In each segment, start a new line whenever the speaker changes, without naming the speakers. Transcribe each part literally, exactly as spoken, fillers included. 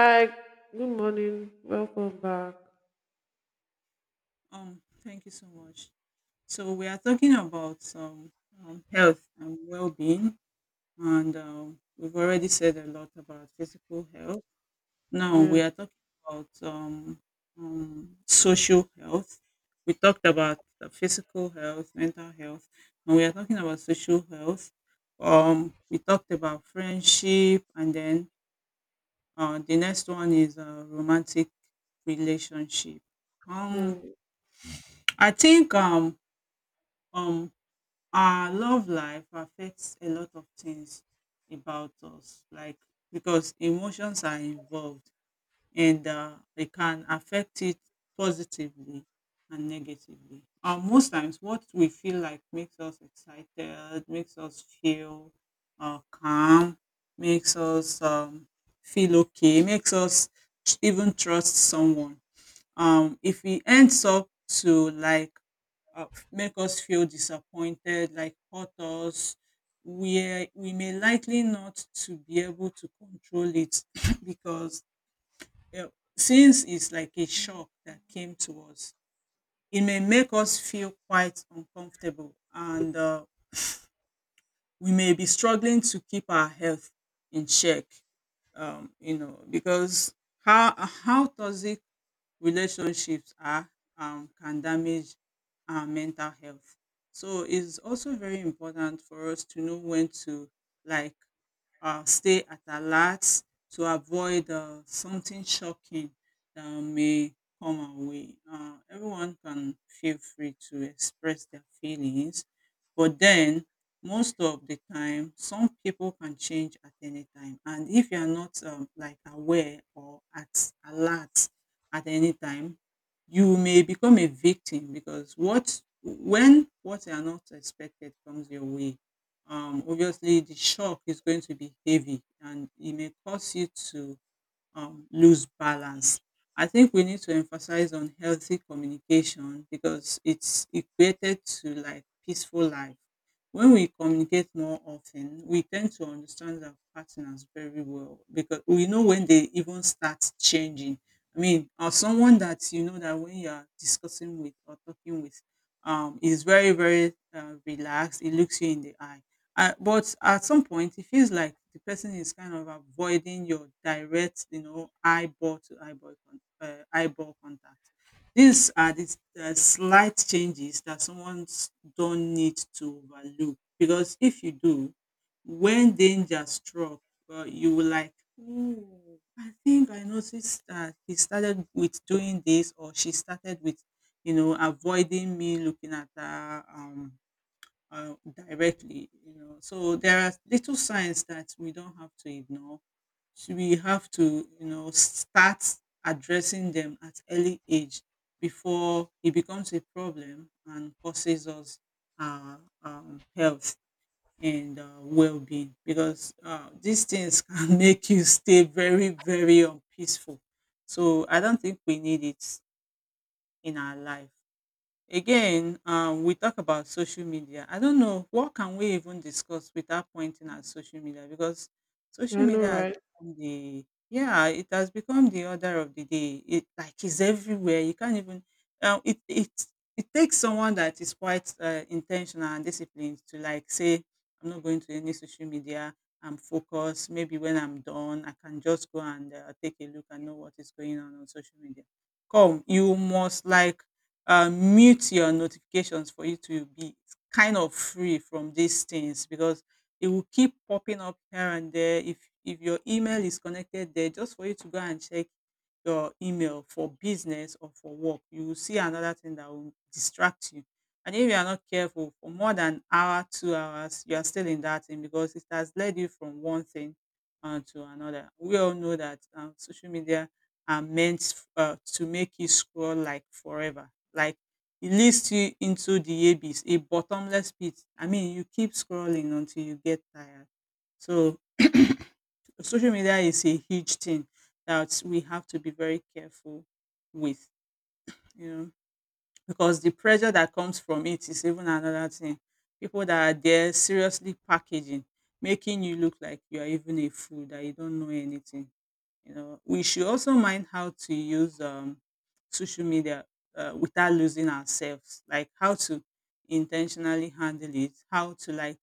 Hi, good morning. Welcome back.
Um, thank you so much. So we are talking about um, um, health and well-being, and um, we've already said a lot about physical health. Now we
Yes.
are talking about um, um, social health. We talked about the physical health, mental health, and we are talking about social health. Um, we talked about friendship, and then uh, the next one is a romantic relationship. Um,
Mm.
I think um, um, our love life affects a lot of things about us, like because emotions are involved, and uh, they can affect it positively and negatively. Uh, most times what we feel like makes us excited, makes us feel uh, calm, makes us um, feel okay, makes us even trust someone. Um, if we ends up to like uh, make us feel disappointed, like hurt us. We, we may likely not to be able to control it because uh, since it's like a shock that came to us, it may make us feel quite uncomfortable, and uh, we may be struggling to keep our health in check, um, you know, because how how toxic relationships are um, can damage our mental health. So it's also very important for us to know when to, like, uh, stay at alert to avoid uh, something shocking that may come our way. Uh, everyone can feel free to express their feelings, but then most of the time, some people can change at any time. And if you are not um, like aware or at alert at any time, you may become a victim, because what when what you are not expected comes your way, um, obviously the shock is going to be heavy, and it may cause you to um, lose balance. I think we need to emphasize on healthy communication because it's equated to like peaceful life. When we communicate more often, we tend to understand our partners very well, because we know when they even start changing. I mean, or someone that you know that when you're discussing with or talking with um, is very, very uh, relaxed, it looks you in the eye, uh, but at some point, it feels like the person is kind of avoiding your direct, you know, eyeball to eyeball, con- uh, eyeball contact. These are the uh, slight changes that someone don't need to overlook, because if you do, when danger struck, uh, you will like, oh, I think I noticed that he started with doing this, or she started with, you know, avoiding me looking at her. Um, uh, Directly, you know, so there are little signs that we don't have to ignore. So we have to, you know, start addressing them at early age before it becomes a problem and causes us uh, um, health and uh, well-being, because uh, these things can make you stay very, very unpeaceful, so I don't think we need it in our life. Again, um, we talk about social media. I don't know what can we even discuss without pointing at social media, because
I
social
know,
media has
right?
become the, yeah, it has become the order of the day. It like is everywhere. You can't even um, it it it takes someone that is quite uh, intentional and disciplined to like say I'm not going to any social media. I'm focused. Maybe when I'm done, I can just go and uh, take a look and know what is going on on social media. Come, you must like uh, mute your notifications for you to be kind of free from these things, because it will keep popping up here and there. If if your email is connected there, just for you to go and check your email for business or for work, you will see another thing that will distract you. And if you are not careful for more than an hour, two hours, you are still in that thing because it has led you from one thing uh, to another. We all know that um, social media are meant uh, to make you scroll like forever, like, it leads you into the abyss, a bottomless pit. I mean, you keep scrolling until you get tired. So social media is a huge thing that we have to be very careful with, you know, because the pressure that comes from it is even another thing. People that are there seriously packaging, making you look like you are even a fool, that you don't know anything. You know, we should also mind how to use um, social media uh, without losing ourselves. Like how to intentionally handle it, how to like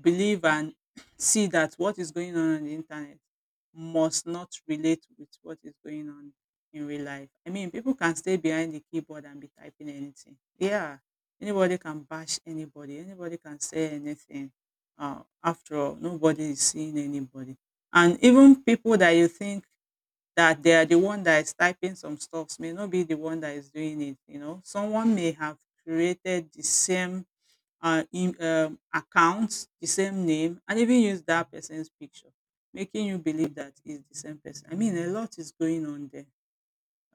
believe and see that what is going on on the internet must not relate with what is going on in real life. I mean, people can stay behind the keyboard and be typing anything. Yeah, anybody can bash anybody. Anybody can say anything. Uh, after all, nobody is seeing anybody, and even people that you think that they are the one that is typing some stuffs may not be the one that is doing it. You know, someone may have created the same uh, in, um, account, the same name, and even use that person's picture, making you believe that is the same person. I mean, a lot is going on there.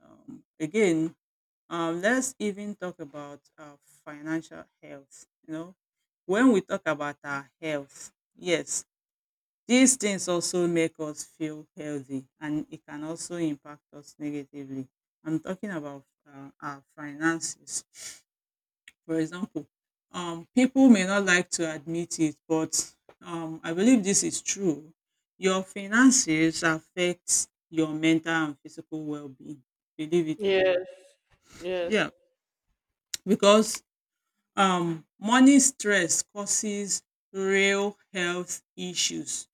Um, again um, let's even talk about uh, financial health. You know, when we talk about our health, yes, these things also make us feel healthy, and it can also impact us negatively. I'm talking about uh, our finances. For example, um, people may not like to admit it, but um, I believe this is true. Your finances affect your mental and physical well being, believe it or not.
Yes, yes.
Yeah, because um, money stress causes real health issues.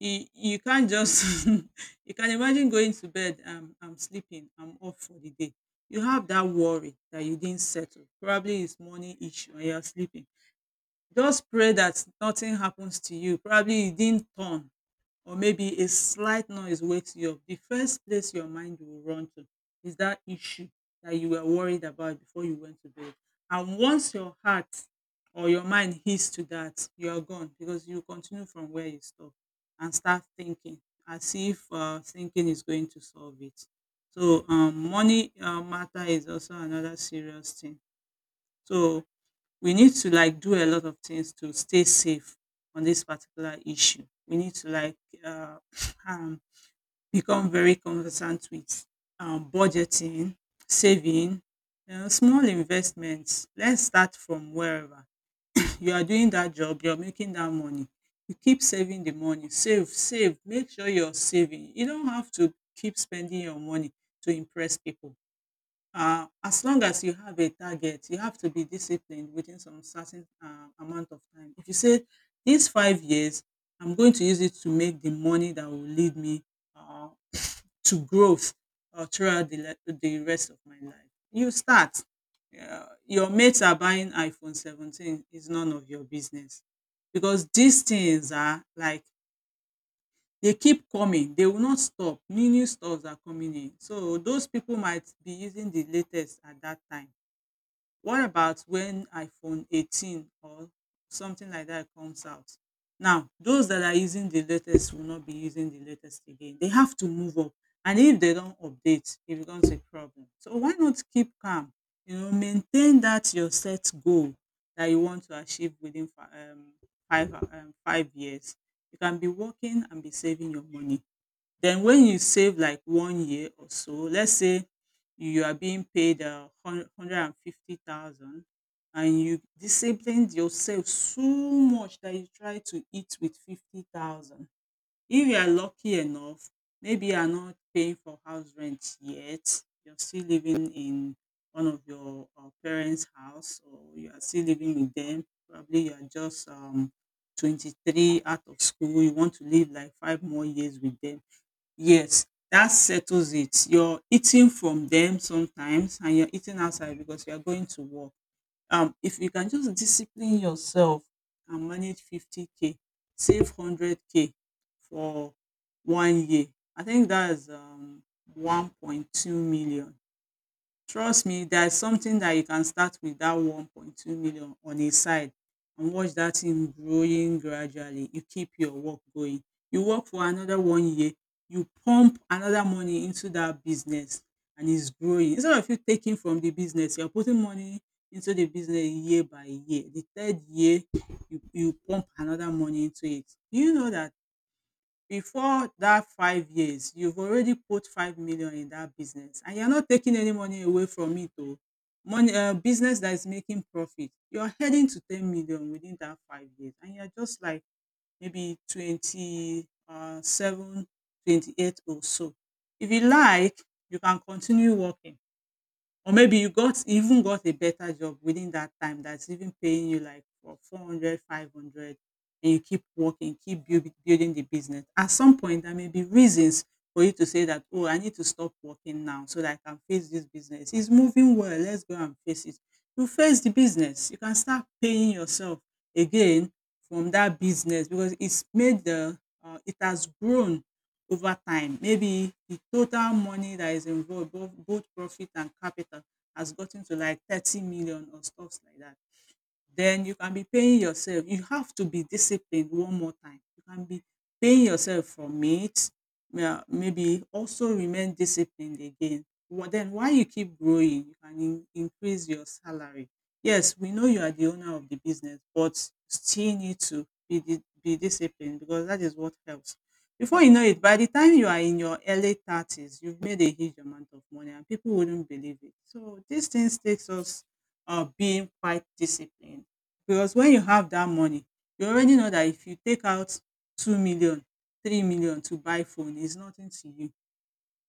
You you can't just you can imagine going to bed, um, I'm sleeping, I'm off for the day. You have that worry that you didn't settle. Probably it's money issue, and you're sleeping. Just pray that nothing happens to you. Probably you didn't turn, or maybe a slight noise wakes you up. The first place your mind will run to is that issue that you were worried about before you went to bed. And once your heart or your mind hits to that, you are gone, because you continue from where you stop and start thinking as if uh, thinking is going to solve it. So um, money uh, matter is also another serious thing. So we need to like do a lot of things to stay safe on this particular issue. We need to like uh, um, become very conversant with um, budgeting, saving, you know, small investments. Let's start from wherever you are doing that job, you're making that money. You keep saving the money, save, save. Make sure you're saving. You don't have to keep spending your money to impress people. Uh, as long as you have a target, you have to be disciplined within some certain uh, amount of time. If you say these five years, I'm going to use it to make the money that will lead me uh, to growth uh, throughout the, le- the rest of my life, you start. Uh, your mates are buying iPhone seventeen is none of your business, because these things are like they keep coming, they will not stop, new new stores are coming in, so those people might be using the latest at that time. What about when iPhone eighteen or something like that comes out? Now, those that are using the latest will not be using the latest again. They have to move up. And if they don't update, it becomes a problem. So why not keep calm? You know, maintain that your set goal that you want to achieve within fi- um, five um, five years. You can be working and be saving your money, then when you save like one year or so, let's say you are being paid uh, hun- one hundred fifty thousand and you disciplined yourself so much that you try to eat with fifty thousand. If you are lucky enough, maybe you are not paying for house rent yet, you're still living in one of your uh, parents' house, or you are still living with them. Probably you are just um, twenty-three out of school, you want to live like five more years with them. Yes, that settles it. You're eating from them sometimes, and you're eating outside because you are going to work. Um, if you can just discipline yourself and manage fifty k, save one hundred k for one year, I think that is um, one point two million. Trust me, there is something that you can start with that one point two million on a side and watch that thing growing gradually. You keep your work going. You work for another one year, you pump another money into that business, and it's growing. Instead of you taking from the business, you're putting money into the business year by year. The third year, you, you pump another money into it. Do you know that before dat five years, you've already put five million in dat business and you're not taking any money away from it oh. Money um business that is making profit. You're heading to ten million within dat five years and you're just like maybe twenty um seven, twenty eight or so. If you like, you can continue working. Or maybe you got even got a better job within that time that's even paying you like for four hundred, five hundred and you keep working, keep building building the business. At some point, there may be reasons for you to say that, "Oh, I need to stop working now so that I can face this business. It's moving well. Let's go and face it." You face the business. You can start paying yourself again from that business because it's made the uh, it has grown over time. Maybe the total money that is involved, both, both profit and capital, has gotten to like thirty million or stuffs like that. Then you can be paying yourself. You have to be disciplined one more time. You can be paying yourself for meat, yeah, maybe also remain disciplined again. Wha- Then while you keep growing, you can in- increase your salary. Yes, we know you are the owner of the business, but still need to be, di- be disciplined because that is what helps. Before you know it, by the time you are in your early thirties, you've made a huge amount of money and people wouldn't believe it. So these things takes us of being quite disciplined because when you have that money you already know that if you take out two million, three million to buy phone is nothing to you.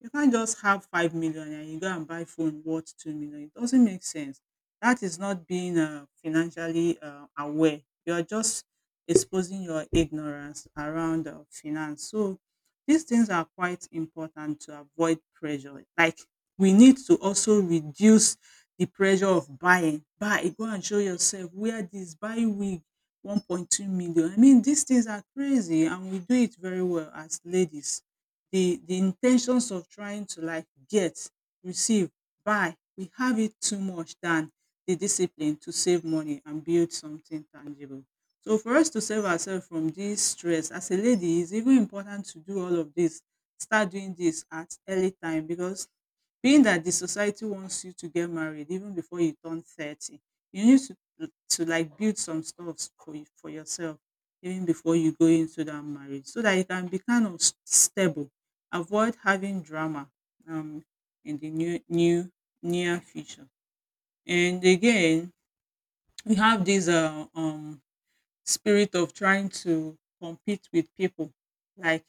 You can't just have five million and you go and buy phone worth two million. It doesn't make sense. That is not being uh, financially uh, aware. You are just exposing your ignorance around uh, finance. So these things are quite important to avoid pressure. Like we need to also reduce the pressure of buying. Buy, go and show yourself. Wear this, buy wig. one point two million. I mean, these things are crazy and we do it very well as ladies, the the intentions of trying to like get, receive, buy, we have it too much than the discipline to save money and build something tangible. So for us to save ourselves from this stress, as a lady, it's even important to do all of this. Start doing this at early time because being that the society wants you to get married even before you turn thirty, you need to to like build some stuff for you, for yourself even before you go into that marriage so that you can be kind of stable, avoid having drama um, in the new new near future. And again, we have this uh, um, spirit of trying to compete with people, like,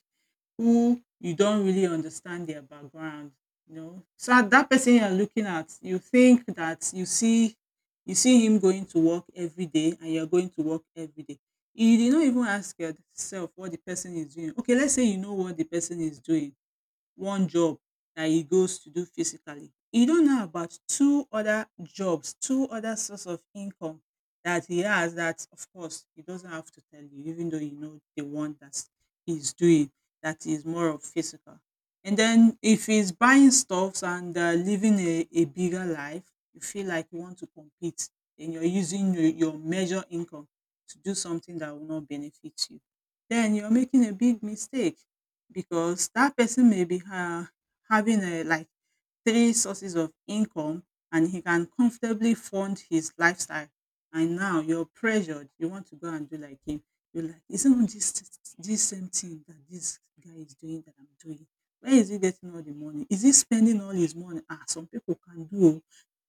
who you don't really understand their background. You know, so that person you're looking at, you think that you see, you see him going to work every day, and you're going to work every day. You did not even ask yourself what the person is doing. Okay, let's say you know what the person is doing, one job that he goes to do physically. He don't know about two other jobs, two other source of income that he has that of course he doesn't have to tell you, even though you know the one that he's doing that is more of physical. And then if he's buying stuffs and uh, living a, a bigger life, you feel like you want to compete and you're using your, your major income to do something that will not benefit you, then you're making a big mistake because that person may be ha having a like three sources of income and he can comfortably fund his lifestyle. And now you're pressured. You want to go and do like him. You're like, isn't it this this same thing that this guy is doing that I'm doing? Where is he getting all the money? Is he spending all his money? Ah, some people can do oh.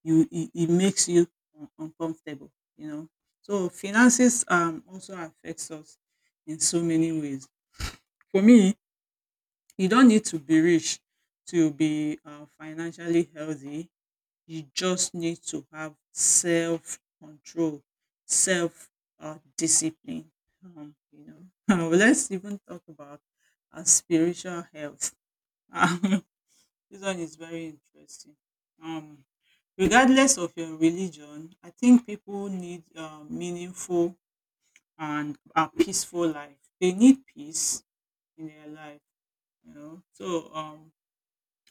You it, it makes you un- uncomfortable, you know. So finances um also affects us in so many ways. For me, you don't need to be rich to be uh, financially healthy. You just need to have self control, self uh, discipline. Um, you know, Well, let's even talk about uh, spiritual health. This one is very interesting. Um, Regardless of your religion, I think people need a meaningful and a peaceful life. They need peace in their life. You know, so um,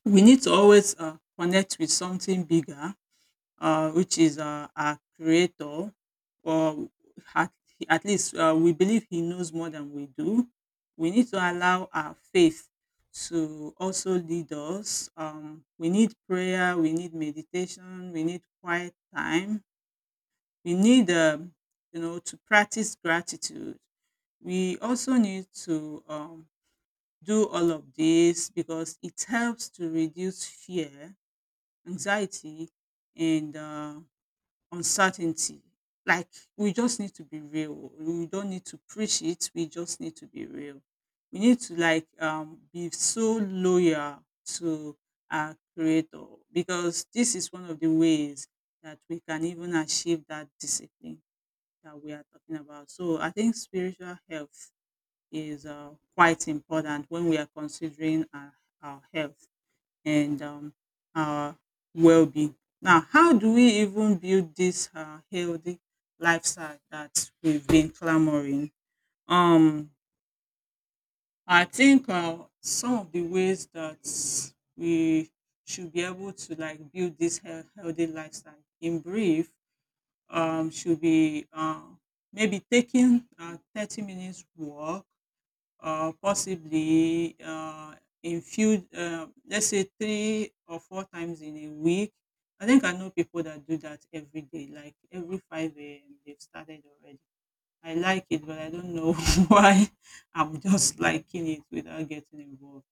we need to always uh, connect with something bigger, uh, which is uh, our creator, or at, at least uh, we believe he knows more than we do. We need to allow our faith to also lead us. Um, we need prayer, we need meditation, we need quiet time, we need, um, you know, to practice gratitude. We also need to um, do all of this because it helps to reduce fear, anxiety and uh, uncertainty. Like we just need to be real. We don't need to preach it. We just need to be real. We need to like um, be so loyal to our creator because this is one of the ways that we can even achieve that discipline that we are talking about. So I think spiritual health is uh, quite important when we are considering our, our health and um, our well-being. Now, how do we even build this uh, healthy lifestyle that we've been clamoring? Um, I think uh, some of the ways that we should be able to like build this health, healthy lifestyle in brief um, should be uh, maybe taking a thirty minutes walk or possibly uh, in few, uh, let's say three or four times in a week. I think I know people that do that every day, like every five a m. They've started already. I like it, but I don't know why I'm just liking it without getting involved.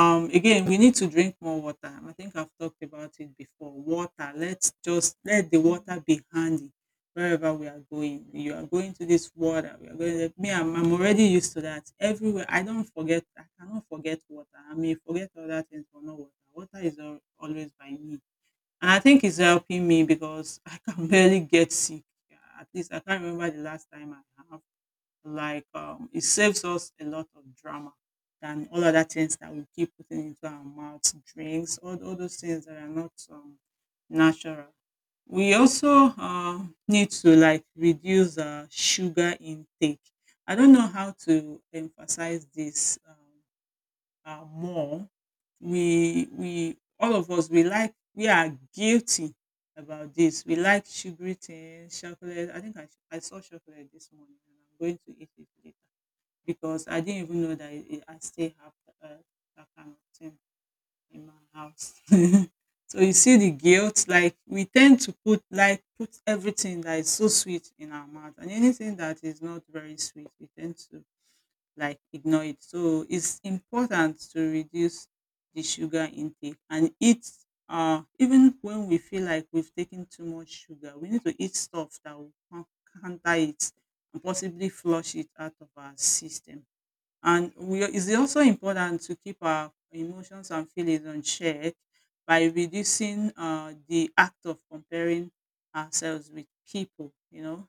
um again, we need to drink more water. I think I've talked about it before. Water, let's just let the water be handy wherever we are going. You are going to this water, we are going to, me I'm, I'm already used to that everywhere. I don't forget, I cannot forget water. I may forget other things but not water. Water is al- always by me, and I think it's helping me because I can barely get sick. Yeah, at least I can't remember the last time I have like, um, it saves us a lot of drama than all other things that we keep putting into our mouths, drinks, all, all those things that are not um, natural. We also uh, need to like reduce uh, sugar intake. I don't know how to emphasize this um, uh, more. We we All of us, we like we are guilty about this. We like sugary things, chocolate. I think I, sh- I saw chocolate this morning and I'm going to eat it later because I didn't even know that it, I still have uh, that kind of thing in my house. So you see the guilt, like we tend to put like put everything that is so sweet in our mouth, and anything that is not very sweet, we tend to like ignore it. So it's important to reduce the sugar intake and eat. Uh, even when we feel like we've taken too much sugar, we need to eat stuff that will coun- counter it and possibly flush it out of our system. And we It's also important to keep our emotions and feelings on check by reducing uh, the act of comparing ourselves with people. You know,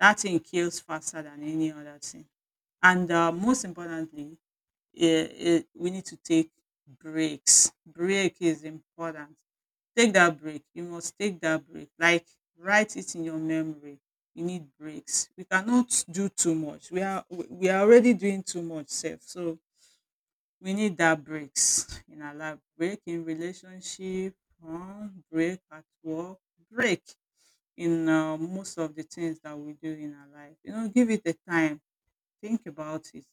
that thing kills faster than any other thing. And uh, most importantly, eh, eh, we need to take breaks. Break is important. Take that break. You must take that break. Like, write it in your memory. You need breaks. We cannot do too much. We are we we are already doing too much, self. So we need that breaks in our life. Break in relationship, um, break at work, break in uh, most of the things that we do in our life. You know, give it a time, think about it,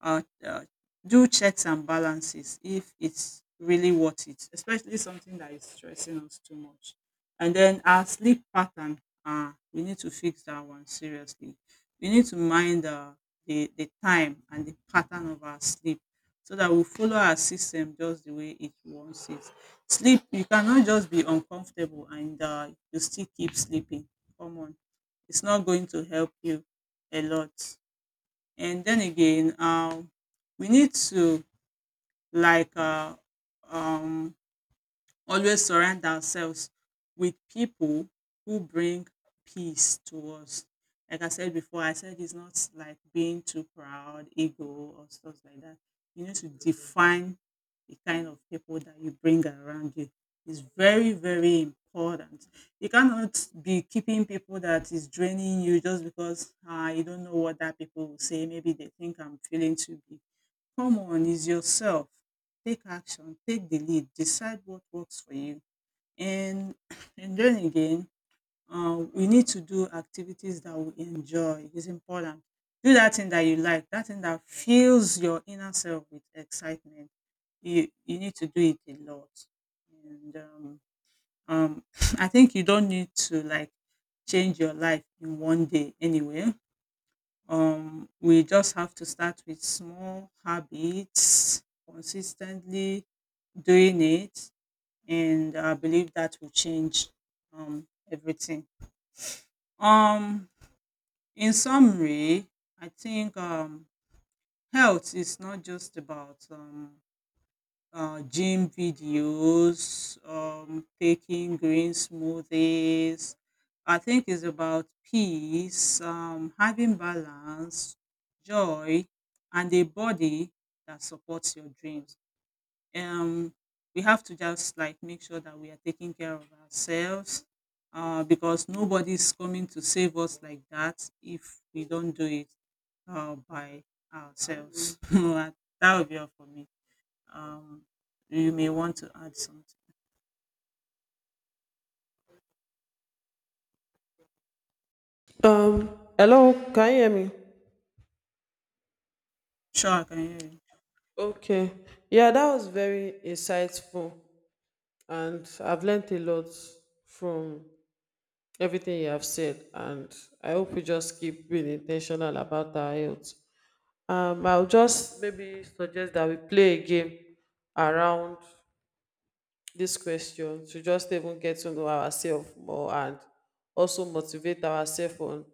uh, uh, do checks and balances if it's really worth it, especially something that is stressing us too much. And then our sleep pattern, uh, we need to fix that one seriously. We need to mind uh, the, the time and the pattern of our sleep so that we follow our system just the way it wants it. Sleep, you cannot just be uncomfortable and uh, you still keep sleeping. Come on, it's not going to help you a lot. And then again, um, we need to like uh, um, always surround ourselves with people who bring peace to us. Like I said before, I said it's not like being too proud, ego, or stuff like that. You need to define the kind of people that you bring around you. It's very, very important. You cannot be keeping people that is draining you just because uh, you don't know what that people will say. Maybe they think I'm feeling too big. Come on, is yourself. Take action, take the lead, decide what works for you. And, and then again, um, we need to do activities that we enjoy. It's important. Do that thing that you like, that thing that fills your inner self with excitement. You, you need to do it a lot. And um, um, I think you don't need to like change your life in one day anyway. Um, we just have to start with small habits, consistently doing it, and I believe that will change um, everything. Um, in summary, I think um, health is not just about um, uh, gym videos, um, taking green smoothies. I think it's about peace, um, having balance, joy, and a body that supports your dreams. Um, we have to just like make sure that we are taking care of ourselves uh, because nobody's coming to save us like that if we don't do it uh, by ourselves. That would be all for me. Um, you may want to add something.
Um, hello, can you hear me?
Sure, I can hear you.
Okay. Yeah, that was very insightful, and I've learned a lot from everything you have said, and I hope we just keep being intentional about our health. Um, I'll just maybe suggest that we play a game around this question to just even get to know ourselves more and also motivate ourselves on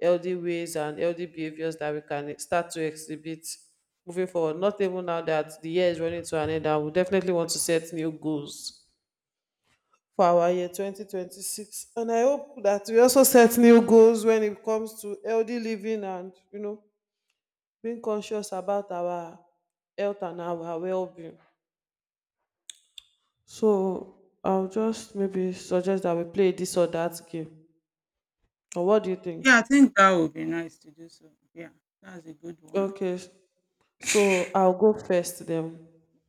healthy ways and healthy behaviors that we can start to exhibit moving forward. Not even now that the year is running to an end, I would definitely want to set new goals for our year twenty twenty-six. And I hope that we also set new goals when it comes to healthy living and, you know, being conscious about our health and our well being. So I'll just maybe suggest that we play this or that game. Or what do you
Yeah,
think?
I think that would be nice to do so. Yeah, that's a good one.
Okay. s- So I'll go first then.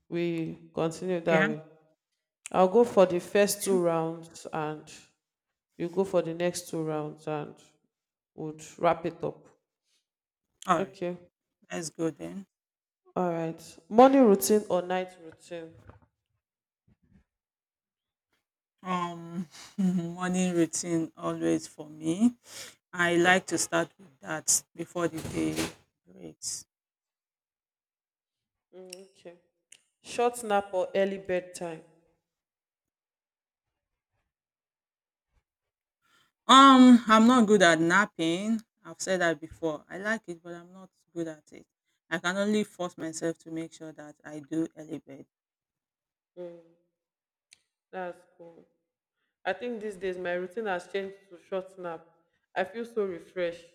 We continue that
Okay.
way. I'll go for the first two
Okay.
rounds and you go for the next two rounds and we'll wrap it up.
All right.
Okay.
Let's go then.
All right. Morning routine or night routine?
Um, Morning routine always for me. I like to start with that before the day breaks.
Mm, okay. Short nap or early bedtime?
Um, I'm not good at napping. I've said that before. I like it, but I'm not good at it. I can only force myself to make sure that I do early bed.
That's cool. I think these days my routine has changed to short nap. I feel so refreshed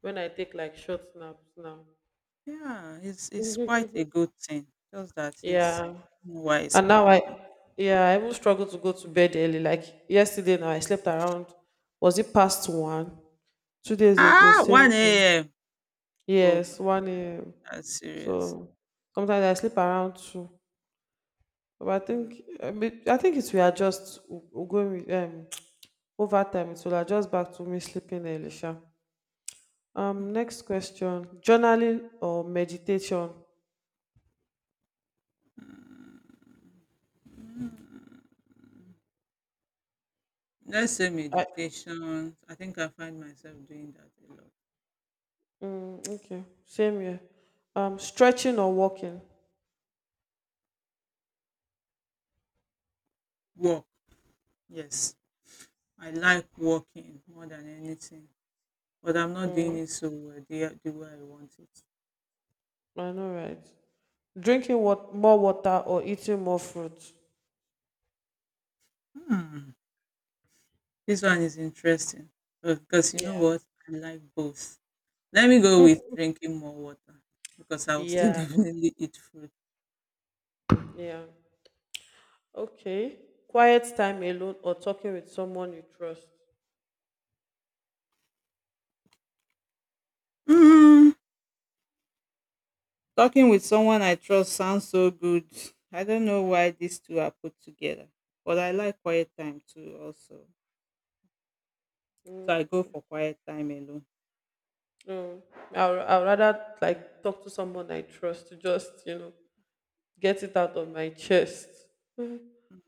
when I take like short naps now.
Yeah, it's it's quite a good thing. Just that it's
Yeah.
I don't know why it's
And
hard
now I
for me.
yeah, I even struggle to go to bed early. Like yesterday now I slept around, was it past one? Two days ago,
Ah,
same thing.
one a m. Oh my
Yes,
God,
one a m.
that's serious.
So sometimes I sleep around two. But I think
Mm,
I, mean, I think it will adjust w- w- going with, um over time it will adjust back to me sleeping early, sha. Um, next question. Journaling or meditation?
mm, mm. Let's say
I
meditation. I think I find myself doing that a lot.
mm, okay. Same here. Um, stretching or walking?
Walk, yes. I like walking more than anything, but I'm not
Mm,
doing it so well the, the way I want it.
I know, right? Drinking what more water or eating more fruit?
Hmm. This one is interesting uh, because you know
Yeah.
what? I like both. Let me go with drinking more water because I will still
Yeah.
definitely eat fruit.
Yeah. Okay. Quiet time alone or talking with someone you trust.
Mm, talking with someone I trust sounds so good. I don't know why these two are put together, but I like quiet time too, also. So I go for quiet time alone.
No, I'll, I'll rather like talk to someone I trust to just, you know, get it out of my chest.
Mm,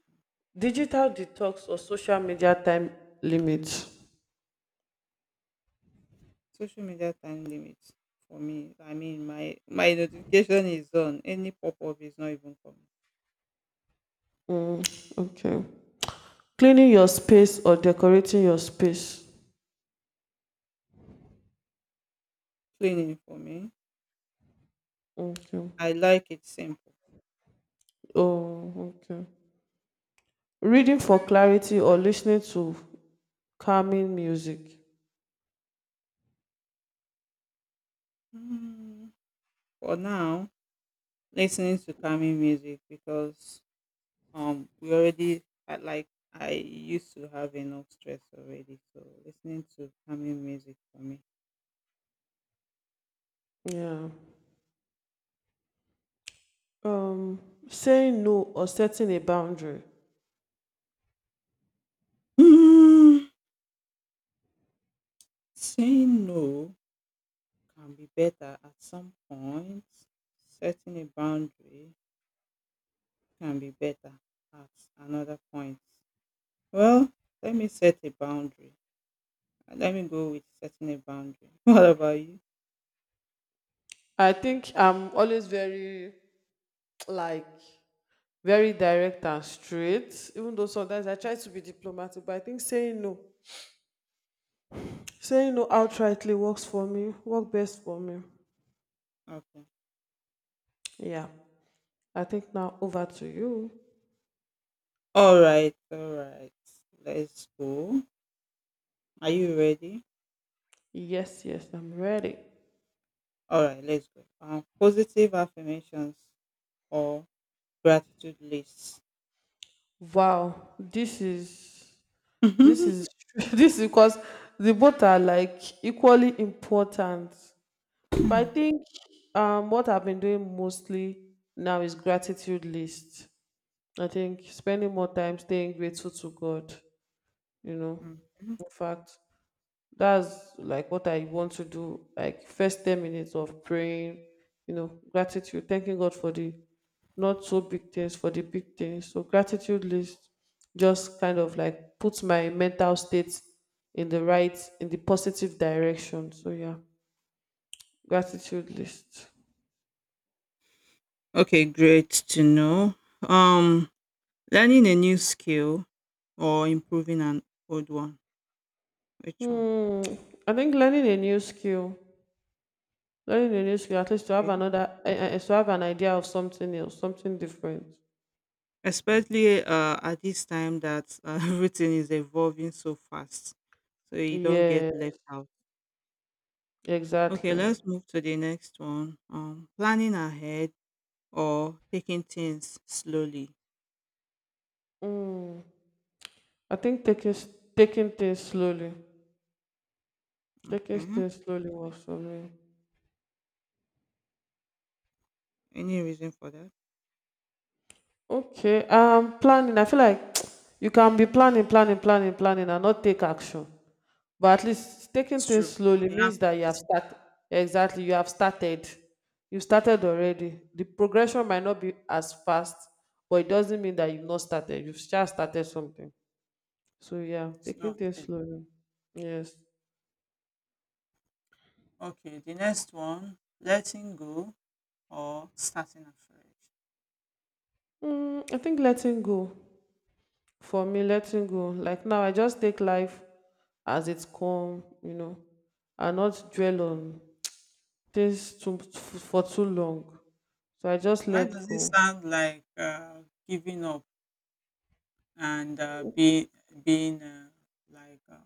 Digital detox or social media time limit.
Social media time limit for me. I mean, my my notification is on. Any pop up is not even coming.
Okay. Cleaning your space or decorating your space.
Cleaning for me.
Okay.
I like it simple.
Oh, okay. Reading for clarity or listening to calming music.
Mm, For now, listening to calming music because um we already had like I used to have enough stress already so listening to calming music for me
Yeah. Um, saying no or setting a boundary.
Mm, saying no can be better at some point, setting a boundary can be better at another point. Well, let me set a boundary, let me go with setting a boundary. What about you?
I think I'm always very like very direct and straight, even though sometimes I try to be diplomatic, but I think saying no, saying no outrightly works for me, work best for me.
Okay,
Yeah. I think now over to you.
all right, all right, let's go. Are you ready?
Yes, yes, I'm ready.
All right, let's go. Um, positive affirmations or gratitude lists.
Wow, this is this is this is because the both are like equally important. But I think um what I've been doing mostly now is gratitude list. I think spending more time staying grateful to God, you know.
Mhm.
In fact, that's like what I want to do. Like first ten minutes of praying, you know, gratitude, thanking God for the not so big things, for the big things. So gratitude list just kind of like puts my mental state in the right, in the positive direction. So yeah, gratitude list.
Okay, great to know. Um, Learning a new skill or improving an old one. Which one?
Hmm. I think learning a new skill, learning a new skill, at least to have
Okay.
another, eh, eh, to have an idea of something else, something different.
Especially uh, at this time that uh, everything is evolving so fast, so you don't
Yeah,
get left out. Okay,
exactly.
let's move to the next one. Um, planning ahead or taking things slowly.
Mm. I think taking s- taking things slowly, taking
Okay.
things slowly works for me.
Any reason for that?
Okay, um, planning. I feel like you can be planning, planning, planning, planning, and not take action. But at least taking
It's
things
true.
slowly
It
means that you have
happens.
started. Exactly, you have started. You started already. The progression might not be as fast, but it doesn't mean that you've not started. You've just started something. So yeah,
Mm, it's
taking
not
things
unsaid.
slowly. Yes.
Okay, the next one, letting go or starting afresh.
Mm, I think letting go. For me, letting go, like, now I just take life as it's come, you know and not dwell on things too for too long, so I just
Why
let
does it
go.
sound like uh, giving up and uh, being being uh, like uh,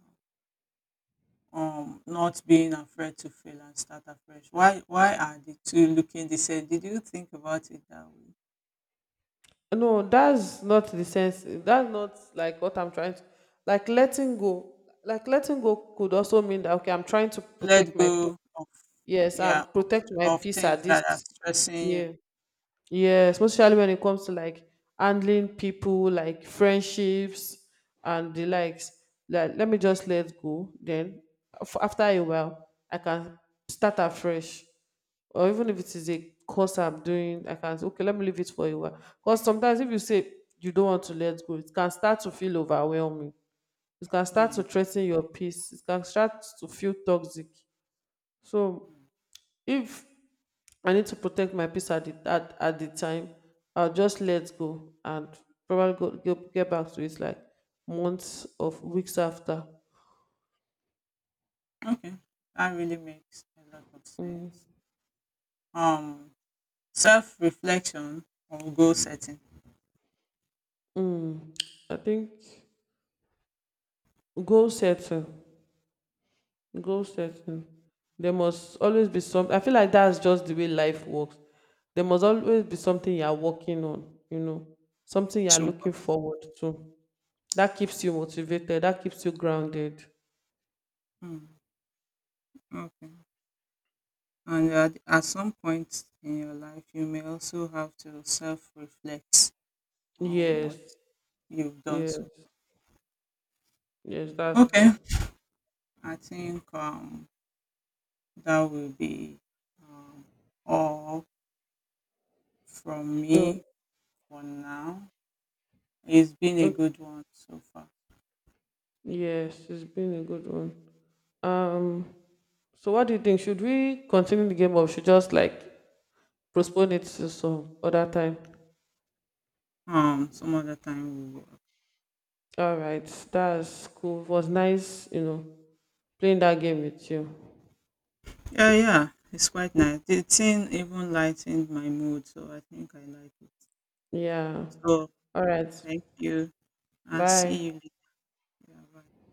um not being afraid to fail and start afresh? Why why are the two looking the same? Did you think about it that way?
No, that's not the sense, that's not like what I'm trying to, like, letting go, like letting go could also mean that, okay, I'm trying to protect
Let
my peace.
go of,
Yes, I'm
yeah, of,
protect my
of
peace at
things that are
this,
stressing you.
yeah. Yeah, especially when it comes to like handling people, like friendships and the likes. Like, let me just let go. Then, af- after a while, I can start afresh. Or even if it is a course I'm doing, I can say, okay, let me leave it for a while. Because sometimes if you say you don't want to let go, it can start to feel overwhelming. It can start to
Hmm.
threaten your peace. It can start to feel toxic. So
Hmm.
if I need to protect my peace at the at, at the time. I'll just let go and probably go, get, get back to it like months of weeks after.
Okay, that really makes a lot of sense. Um, Self reflection or goal setting.
Mm, I think goal setting, goal
Okay,
setting. There must always be some. I feel like that's just the way life works. There must always be something you are working on. You know, something you are
so
looking
what?
forward to. That keeps you motivated. That keeps you grounded.
Hmm. Okay, and at, at some point in your life, you may also have to self reflect on
Yes,
what you've done. So,
yes, yes. That's
okay,
true.
I think um, that will be um, all from me for now. It's been a
No,
good one so far.
yes, it's been a good one. Um, so what do you think? Should we continue the game or should just like postpone it to some other time?
Um, some other time we will.
All right, that's cool. It was nice, you know, playing that game with you.
Yeah, yeah, it's quite nice. The thing even lightened my mood, so I think I like it.
Yeah.
So
All right.
thank you. I'll
Bye.
see you later. Bye.